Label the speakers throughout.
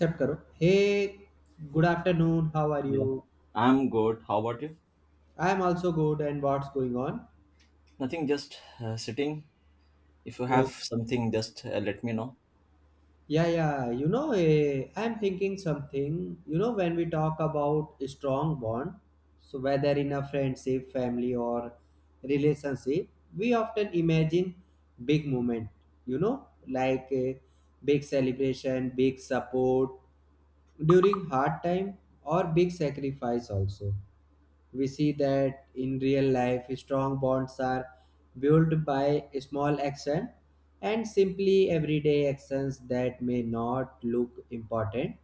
Speaker 1: Accept karo. Hey, good afternoon. How are
Speaker 2: Yeah,
Speaker 1: you?
Speaker 2: I'm good. How about you?
Speaker 1: I am also good. And what's going on?
Speaker 2: Nothing, just sitting. If you have
Speaker 1: So,
Speaker 2: something, just let me know.
Speaker 1: yeah, yeah. I am thinking something. You know, when we talk about a strong bond, so whether in a friendship, family, or relationship, we often imagine big moment. You know, like a big celebration, big support during hard time, or big sacrifice also we see that in real life strong bonds are built by small action and simply everyday actions that may not look important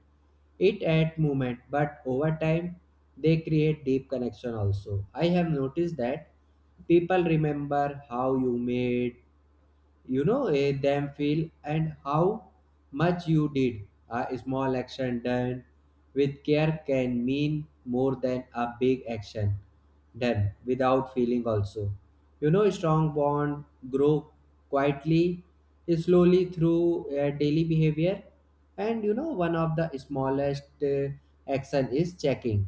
Speaker 1: it at moment but over time they create deep connection also I have noticed that people remember how you made them feel and how much you did a small action done with care can mean more than a big action done without feeling also you know strong bond grow quietly slowly through daily behavior and you know one of the smallest action is checking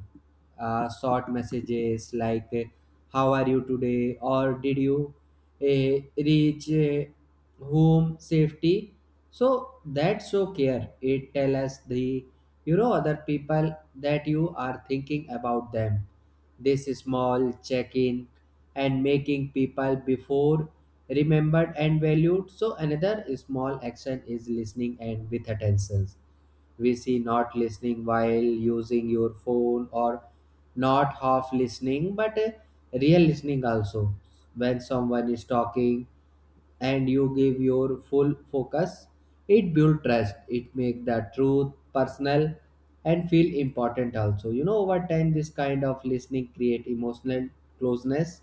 Speaker 1: short messages like how are you today or did you reach home safety so that show care it tell us the you know other people that you are thinking about them this small check-in and making people before remembered and valued so another small action is listening and with attentions we see not listening while using your phone or not half listening but real listening also when someone is talking and you give your full focus it build trust it make the truth personal and feel important also you know over time this kind of listening create emotional closeness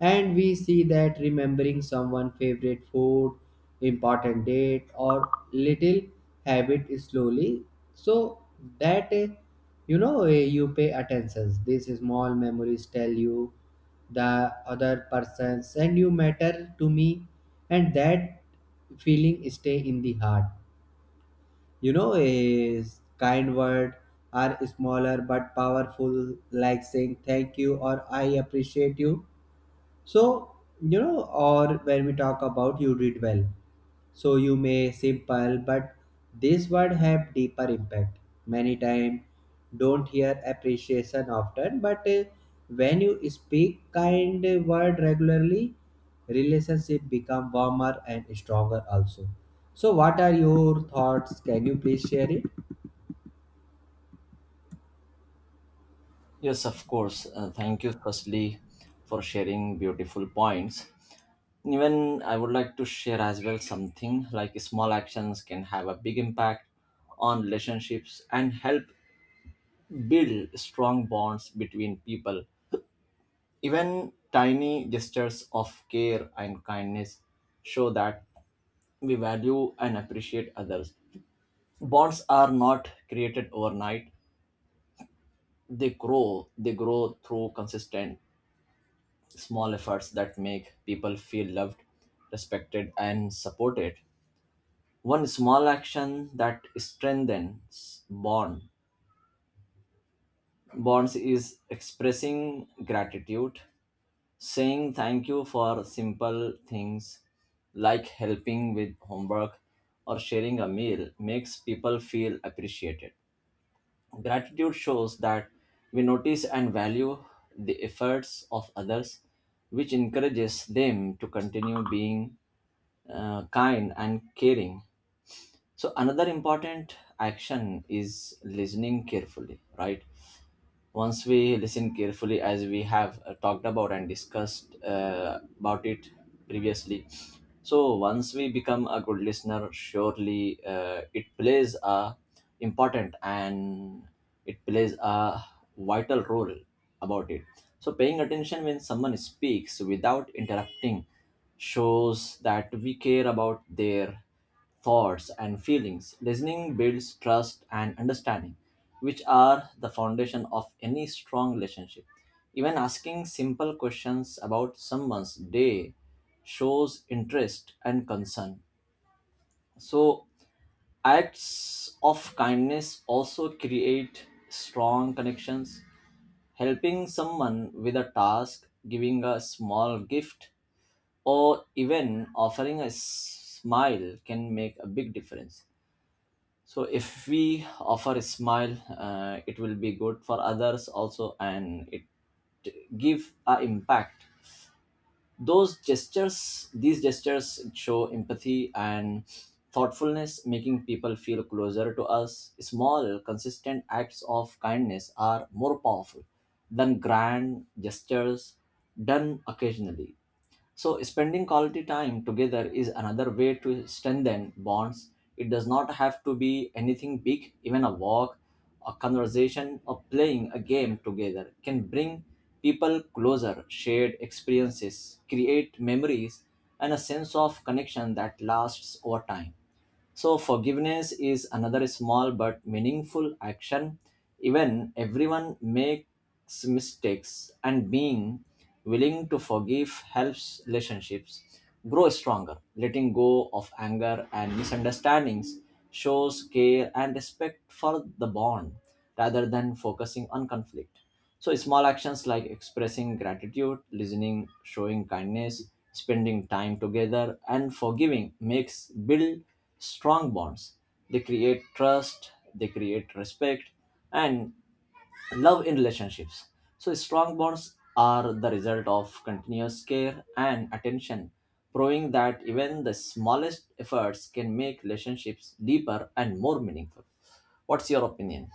Speaker 1: and we see that remembering someone' favorite food, important date, or little habit slowly, so that you pay attention. These small memories tell you the other persons and you matter to me, and that feeling stay in the heart. You know, a kind word are smaller but powerful, like saying thank you or I appreciate you so, you know, or when we talk about you read well. So you may simple, but this word have deeper impact. Many time don't hear appreciation often, but when you speak kind word regularly, relationship become warmer and stronger also. So what are your thoughts? Can you please share it?
Speaker 2: Yes, of course. Thank you, firstly, for sharing beautiful points. Even I would like to share as well something like small actions can have a big impact on relationships and help build strong bonds between people. Even tiny gestures of care and kindness show that we value and appreciate others. Bonds are not created overnight. They grow. They grow through consistent small efforts that make people feel loved, respected, and supported. One small action that strengthens bonds is expressing gratitude, saying thank you for simple things like helping with homework or sharing a meal makes people feel appreciated. Gratitude shows that we notice and value the efforts of others, which encourages them to continue being kind and caring. So, another important action is listening carefully, right? Once we listen carefully, as we have talked about and discussed about it previously, so once we become a good listener, surely it plays a important and it plays a vital role about it. So paying attention when someone speaks without interrupting shows that we care about their thoughts and feelings. Listening builds trust and understanding, which are the foundation of any strong relationship. Even asking simple questions about someone's day shows interest and concern. So, acts of kindness also create strong connections. Helping someone with a task, giving a small gift, or even offering a smile can make a big difference. So if we offer a smile, it will be good for others also, and it give a impact. Those gestures These gestures show empathy and thoughtfulness, making people feel closer to us. Small consistent acts of kindness are more powerful than grand gestures done occasionally. So, spending quality time together is another way to strengthen bonds. It does not have to be anything big, even a walk, a conversation, or playing a game together can bring people closer. Shared experiences create memories and a sense of connection that lasts over time. So, forgiveness is another small but meaningful action. Even everyone makes mistakes, and being willing to forgive helps relationships grow stronger. Letting go of anger and misunderstandings shows care and respect for the bond rather than focusing on conflict. So, small actions like expressing gratitude, listening, showing kindness, spending time together, and forgiving makes build strong bonds. They create trust, they create respect, and love in relationships. So, strong bonds are the result of continuous care and attention, proving that even the smallest efforts can make relationships deeper and more meaningful. What's your opinion?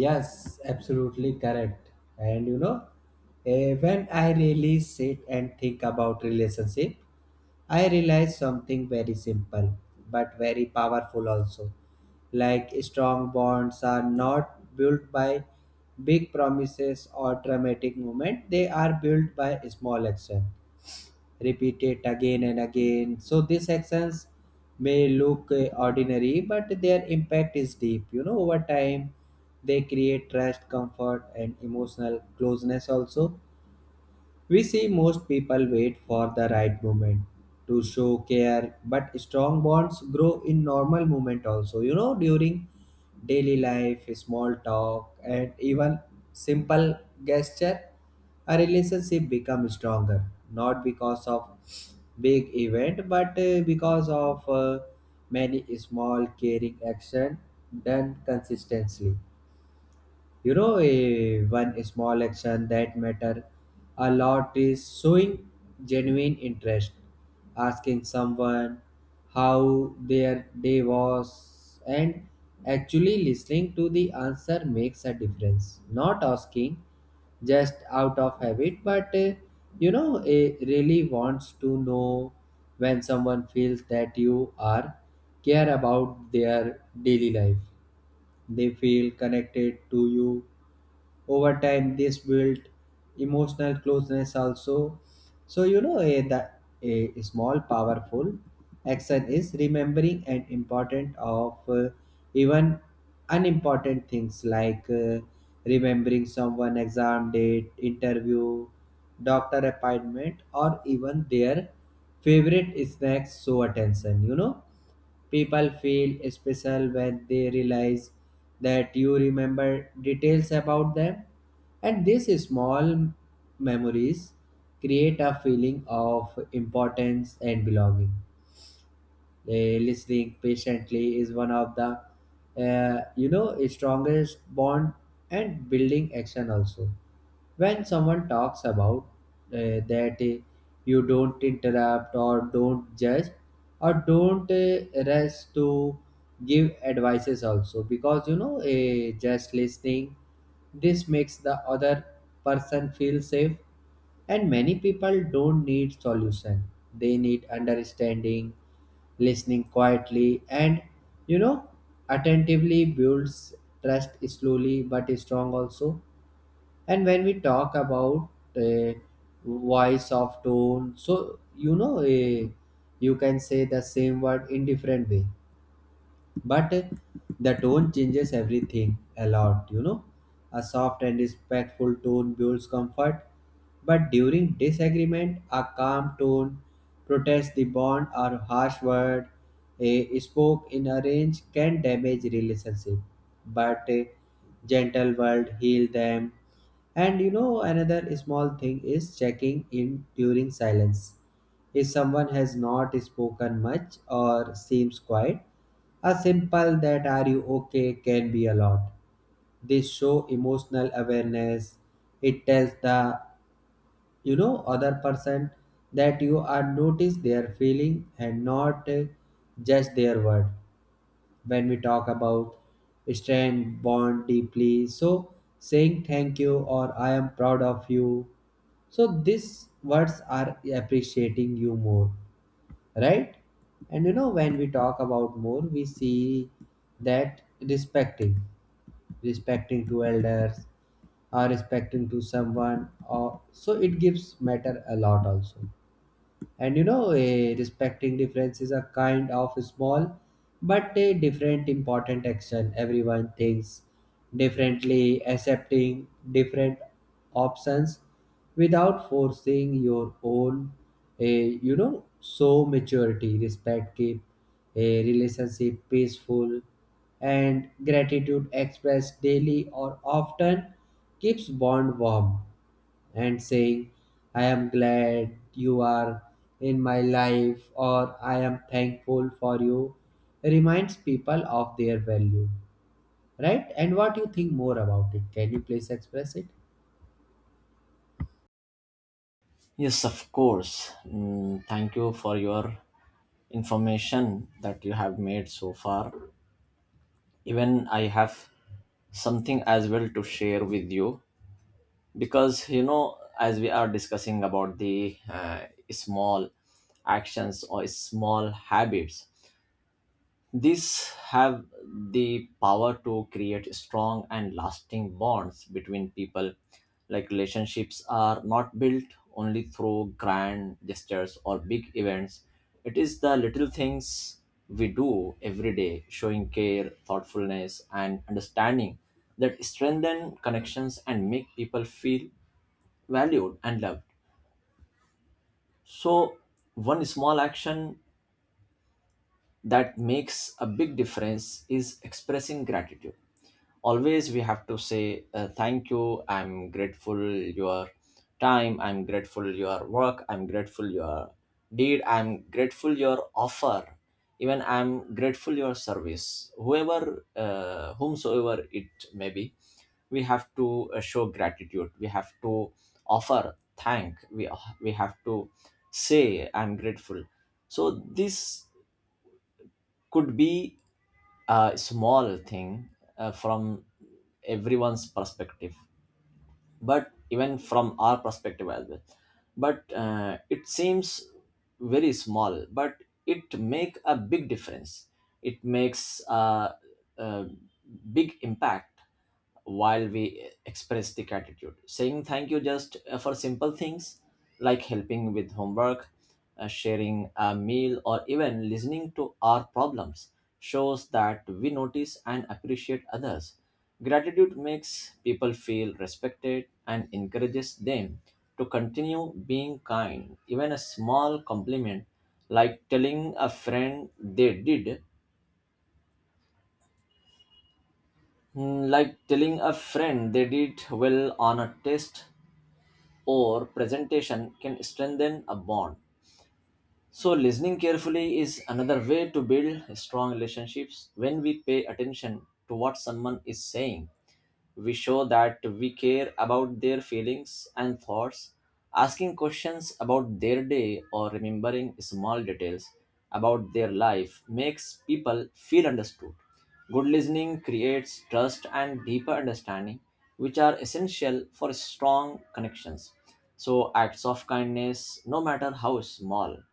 Speaker 1: Yes, absolutely correct. And you know, when I really sit and think about relationship, I realized something very simple but very powerful also. Like strong bonds are not built by big promises or dramatic moment, they are built by small action. Repeated again and again. So these actions may look ordinary, but their impact is deep. You know, over time they create trust, comfort, and emotional closeness also we see most people wait for the right moment to show care, but strong bonds grow in normal moment also. You know, during daily life, small talk, and even simple gesture, a relationship becomes stronger. Not because of big event, but because of many small caring action done consistently one small action that matter a lot is showing genuine interest asking someone how their day was and actually listening to the answer makes a difference not asking just out of habit but you know it really wants to know when someone feels that you are care about their daily life they feel connected to you. Over time, this built emotional closeness also. So, you know, a small powerful action is remembering an important of even unimportant things like remembering someone exam date, interview, doctor appointment, or even their favorite snacks So attention, you know People feel special when they realize that you remember details about them, and these small memories create a feeling of importance and belonging. Listening patiently is one of the you know strongest bond and building action also when someone talks about that you don't interrupt or don't judge or don't rush to give advices also because you know just listening this makes the other person feel safe and many people don't need solution. They need understanding, listening quietly, and you know, attentively builds trust slowly but strong also. And when we talk about uh, voice of tone, so you know, you can say the same word in different way but the tone changes everything a lot you know a soft and respectful tone builds comfort but during disagreement a calm tone protects the bond or harsh word a spoke in a range can damage relationship but a gentle word heal them and you know another small thing is checking in during silence if someone has not spoken much or seems quiet, a simple that are you okay can be a lot. They show emotional awareness. It tells the you know other person that you are notice their feeling and not just their word. When we talk about strength bond deeply, so saying thank you or I am proud of you so these words are appreciating you more right? And you know, when we talk about more, we see that respecting to elders, or respecting to someone, or so it gives matter a lot also. And you know, respecting difference is a kind of small but a different important action. Everyone thinks differently, accepting different options without forcing your own. You know, so maturity, respect keep a relationship peaceful, and gratitude expressed daily or often keeps bond warm and saying, I am glad you are in my life or I am thankful for you reminds people of their value, right? And what you think more about it? Can you please express it?
Speaker 2: Yes, of course. Mm, thank you for your information that you have made so far. Even I have something as well to share with you because you know, as we are discussing about the small actions or small habits, these have the power to create strong and lasting bonds between people. Like, relationships are not built only through grand gestures or big events. It is the little things we do every day, showing care, thoughtfulness, and understanding that strengthen connections and make people feel valued and loved. So, one small action that makes a big difference is expressing gratitude. Always we have to say, thank you. I'm grateful your time, I'm grateful your work, I'm grateful your deed, I'm grateful your offer, even I'm grateful your service, whoever whomsoever it may be. We have to show gratitude, we have to offer thank, we have to say I'm grateful. So this could be a small thing from everyone's perspective, but even from our perspective as well. But it seems very small, but it make a big difference, it makes a big impact. While we express the gratitude, saying thank you just for simple things like helping with homework, sharing a meal, or even listening to our problems shows that we notice and appreciate others. Gratitude makes people feel respected and encourages them to continue being kind. Even a small compliment, like telling a friend they did, mm, like telling a friend they did well on a test or presentation, can strengthen a bond. So, listening carefully is another way to build strong relationships. When we pay attention to what someone is saying, we show that we care about their feelings and thoughts. Asking questions about their day or remembering small details about their life makes people feel understood. Good listening creates trust and deeper understanding, which are essential for strong connections. So, acts of kindness, no matter how small,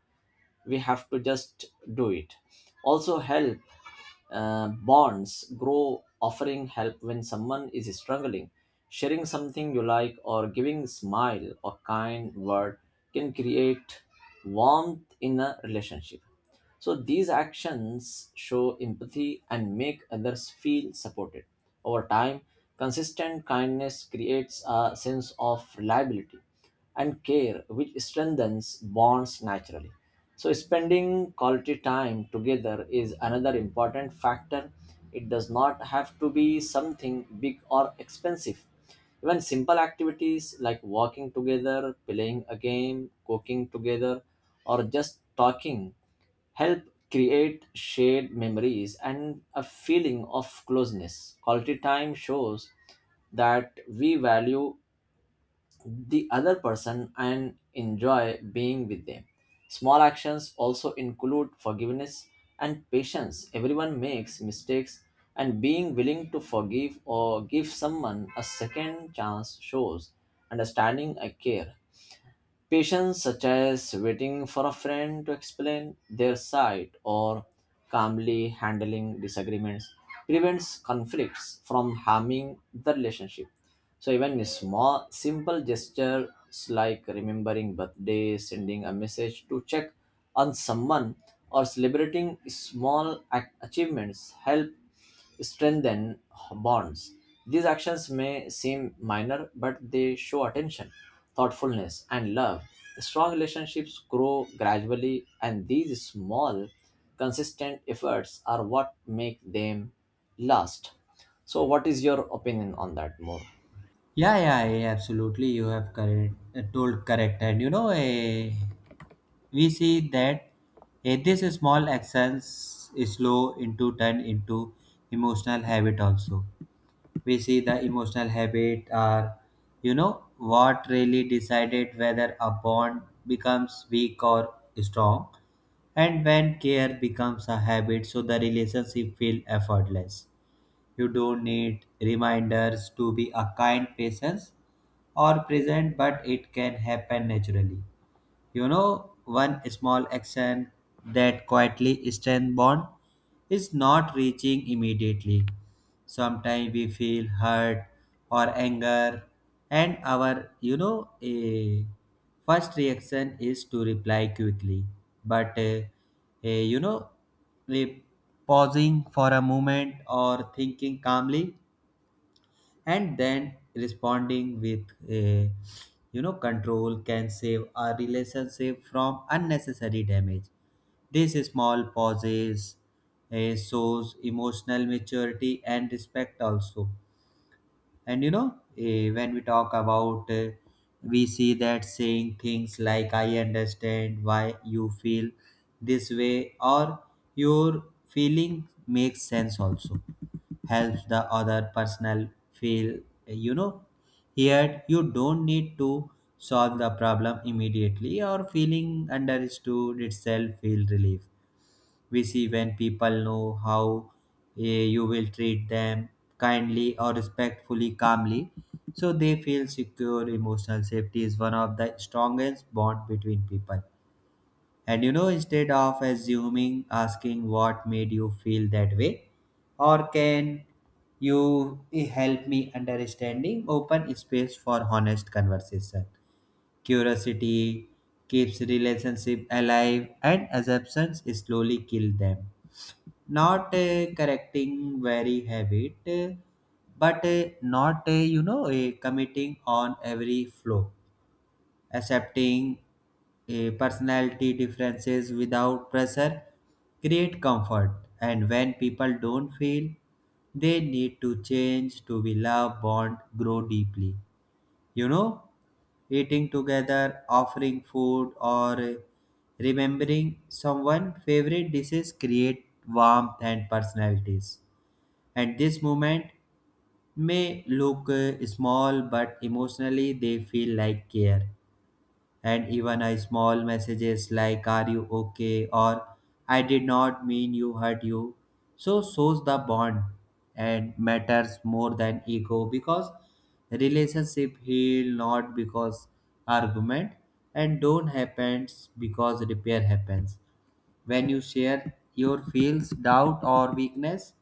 Speaker 2: we have to just do it, also help bonds grow. Offering help when someone is struggling, sharing something you like, or giving smile or kind word can create warmth in a relationship. So these actions show empathy and make others feel supported. Over time, consistent kindness creates a sense of reliability and care, which strengthens bonds naturally. So, spending quality time together is another important factor. It does not have to be something big or expensive. Even simple activities like walking together, playing a game, cooking together, or just talking help create shared memories and a feeling of closeness. Quality time shows that we value the other person and enjoy being with them. Small actions also include forgiveness and patience. Everyone makes mistakes, and being willing to forgive or give someone a second chance shows understanding and care. Patience, such as waiting for a friend to explain their side or calmly handling disagreements, prevents conflicts from harming the relationship. So even a small, simple gestures like remembering birthday, sending a message to check on someone, or celebrating achievements help strengthen bonds. These actions may seem minor, but they show attention, thoughtfulness, and love. Strong relationships grow gradually, and these small, consistent efforts are what make them last. So, what is your opinion on that more?
Speaker 1: Yeah, absolutely. You have told correct, and you know, we see that this small actions slow into turn into emotional habit also. We see the emotional habit are you know what really decided whether a bond becomes weak or strong and when care becomes a habit so the relationship feel effortless you don't need reminders to be a kind presence or present but it can happen naturally you know, one small action that quietly strengthens bond is not reaching immediately. Sometimes we feel hurt or anger, and our, you know, a first reaction is to reply quickly. But, eh, you know, eh, pausing for a moment or thinking calmly and then responding with a you know control can save our relationship from unnecessary damage these small pauses shows emotional maturity and respect also and you know when we talk about we see that saying things like I understand why you feel this way or your feeling makes sense also helps the other personal feel you know here you don't need to solve the problem immediately or feeling understood itself feel relief we see when people know how you will treat them kindly or respectfully calmly so they feel secure emotional safety is one of the strongest bond between people and you know instead of assuming asking what made you feel that way or can you help me understanding open space for honest conversation curiosity keeps relationship alive and assumptions slowly kill them not correcting very habit but not committing on every flow accepting personality differences without pressure create comfort and when people don't feel they need to change to be loved bond grow deeply you know eating together, offering food, or remembering someone's favorite dishes create warmth and personalities. At this moment may look small, but emotionally they feel like care and even a small messages like are you okay or I did not mean you hurt you so shows the bond and matters more than ego because relationship heal not because argument and don't happens because repair happens when you share your feels, doubt, or weakness,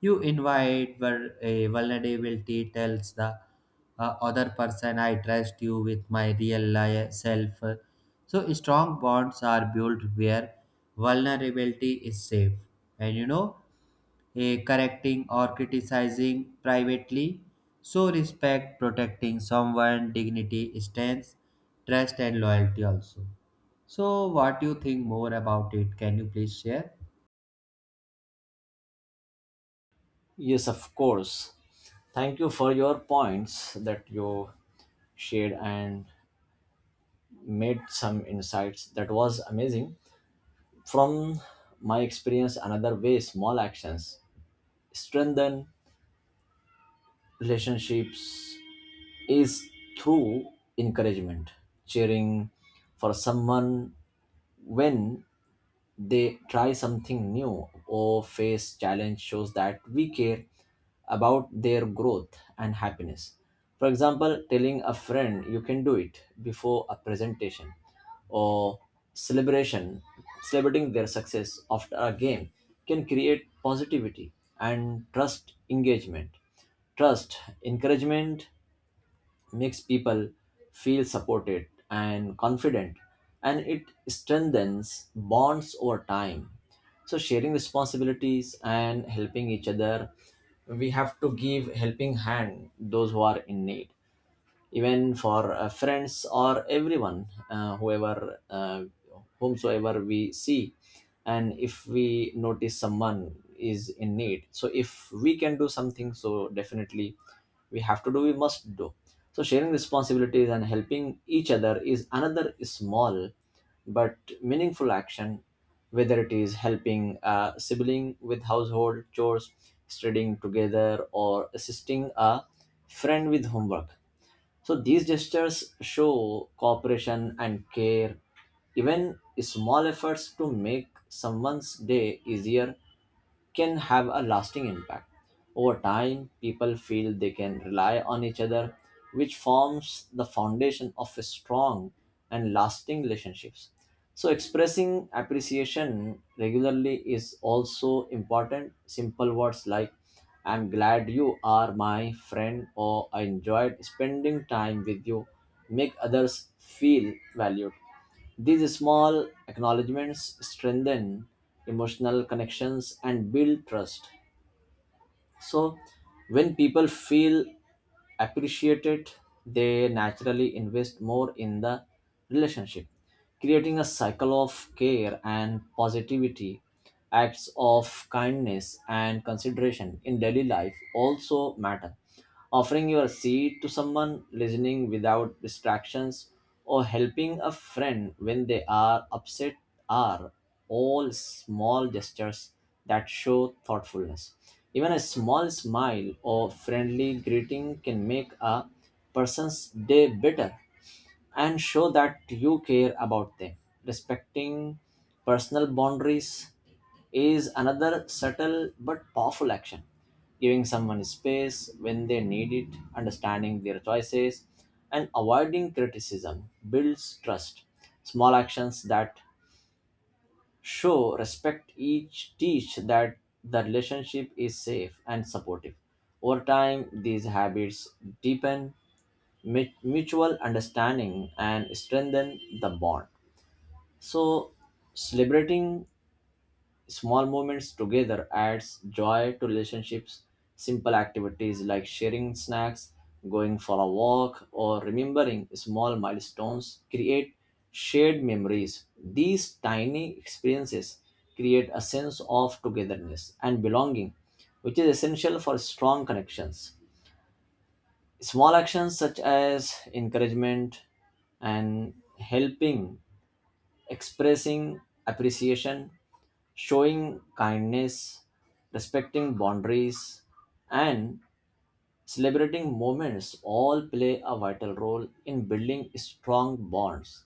Speaker 1: you invite a vulnerability, tells the other person, I trust you with my real self. So, strong bonds are built where vulnerability is safe. And you know, correcting or criticizing privately. So respect protecting someone dignity stands trust and loyalty also. So what do you think more about it? Can you please share?
Speaker 2: Yes, of course. Thank you for your points that you shared and made some insights. That was amazing. From my experience, another way small actions strengthen relationships is through encouragement. Cheering for someone when they try something new or face challenge shows that we care about their growth and happiness. For example, telling a friend you can do it before a presentation or celebration celebrating their success after a game can create positivity and trust engagement trust encouragement makes people feel supported and confident, and it strengthens bonds over time. So sharing responsibilities and helping each other, we have to give helping hand those who are in need, even for friends or everyone, whoever whomsoever we see. And if we notice someone is in need, so if we can do something, so definitely we have to do, we must do. So sharing responsibilities and helping each other is another small but meaningful action, whether it is helping a sibling with household chores, studying together, or assisting a friend with homework. So these gestures show cooperation and care. Even small efforts to make someone's day easier can have a lasting impact. Over time, people feel they can rely on each other, which forms the foundation of strong and lasting relationships. So, expressing appreciation regularly is also important. Simple words like, I'm glad you are my friend, or I enjoyed spending time with you, make others feel valued. These small acknowledgments strengthen emotional connections and build trust. So, when people feel appreciated, they naturally invest more in the relationship, creating a cycle of care and positivity. Acts of kindness and consideration in daily life also matter. Offering your seat to someone, listening without distractions, or helping a friend when they are upset are all small gestures that show thoughtfulness. Even a small smile or friendly greeting can make a person's day better and show that you care about them. Respecting personal boundaries is another subtle but powerful action. Giving someone space when they need it, understanding their choices, and avoiding criticism builds trust. Small actions that show respect each teach that the relationship is safe and supportive. Over time, these habits deepen mutual understanding and strengthen the bond. So, celebrating small moments together adds joy to relationships. Simple activities like sharing snacks, going for a walk, or remembering small milestones create shared memories. These tiny experiences create a sense of togetherness and belonging, which is essential for strong connections. Small actions such as encouragement and helping, expressing appreciation, showing kindness, respecting boundaries, and celebrating moments all play a vital role in building strong bonds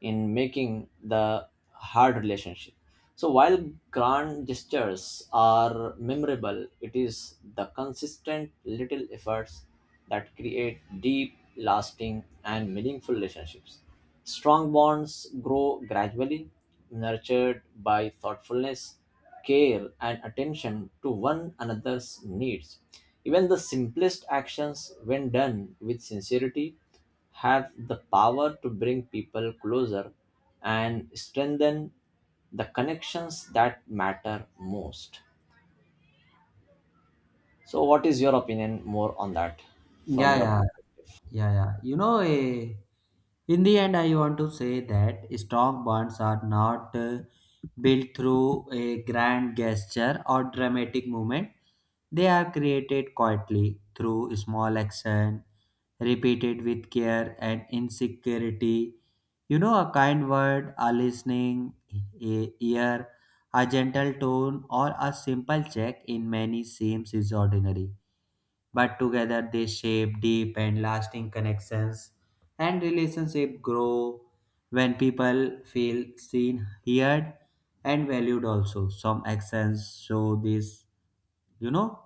Speaker 2: in making the hard relationship. So while grand gestures are memorable, it is the consistent little efforts that create deep, lasting, and meaningful relationships. Strong bonds grow gradually, nurtured by thoughtfulness, care, and attention to one another's needs. Even the simplest actions, when done with sincerity, have the power to bring people closer and strengthen the connections that matter most. So, what is your opinion more on that from
Speaker 1: Yeah,
Speaker 2: your
Speaker 1: yeah,
Speaker 2: perspective?
Speaker 1: yeah, yeah. In the end, I want to say that strong bonds are not built through a grand gesture or dramatic movement. They are created quietly through small action, repeated with care and insecurity. You know, a kind word, a listening ear, a gentle tone, or a simple check in many seems is ordinary but together they shape deep and lasting connections and relationships grow when people feel seen heard and valued also some actions show this you know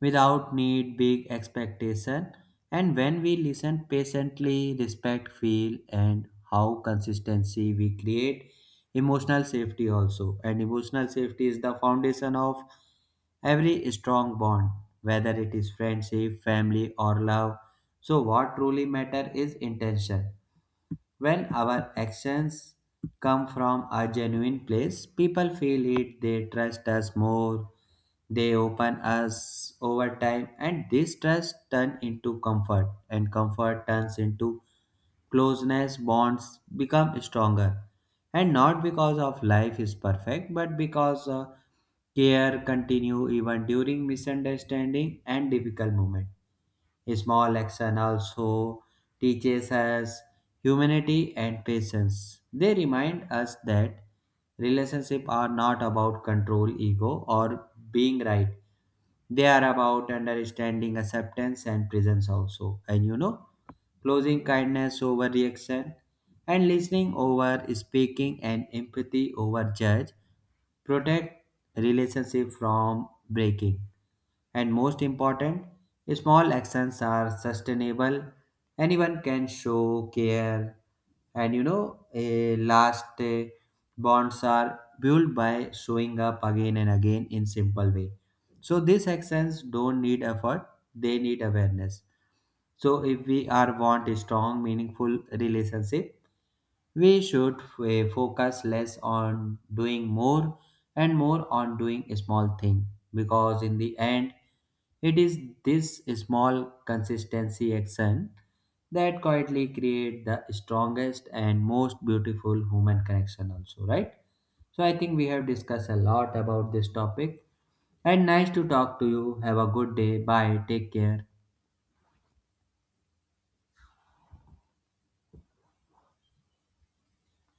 Speaker 1: without need big expectation and when we listen patiently respect feel and how consistency we create emotional safety also and emotional safety is the foundation of every strong bond whether it is friendship family or love so what truly matter is intention when our actions come from a genuine place, people feel it, they trust us more, they open us over time, and this trust turns into comfort, and comfort turns into closeness, bonds become stronger. And not because of life is perfect, but because care continue even during misunderstanding and difficult moment. Small action also teaches us humanity and patience. They remind us that relationships are not about control, ego, or being right. They are about understanding, acceptance, and presence also. And you know, closing kindness over reaction and listening over speaking and empathy over judge protect relationship from breaking and most important, small actions are sustainable. Anyone can show care. And you know, a last bonds are built by showing up again and again in simple way. So these actions don't need effort, they need awareness. So if we are want a strong, meaningful relationship, we should focus less on doing more and more on doing a small thing because in the end it is this small consistency action that quietly create the strongest and most beautiful human connection also right so I think we have discussed a lot about this topic and nice to talk to you have a good day bye take care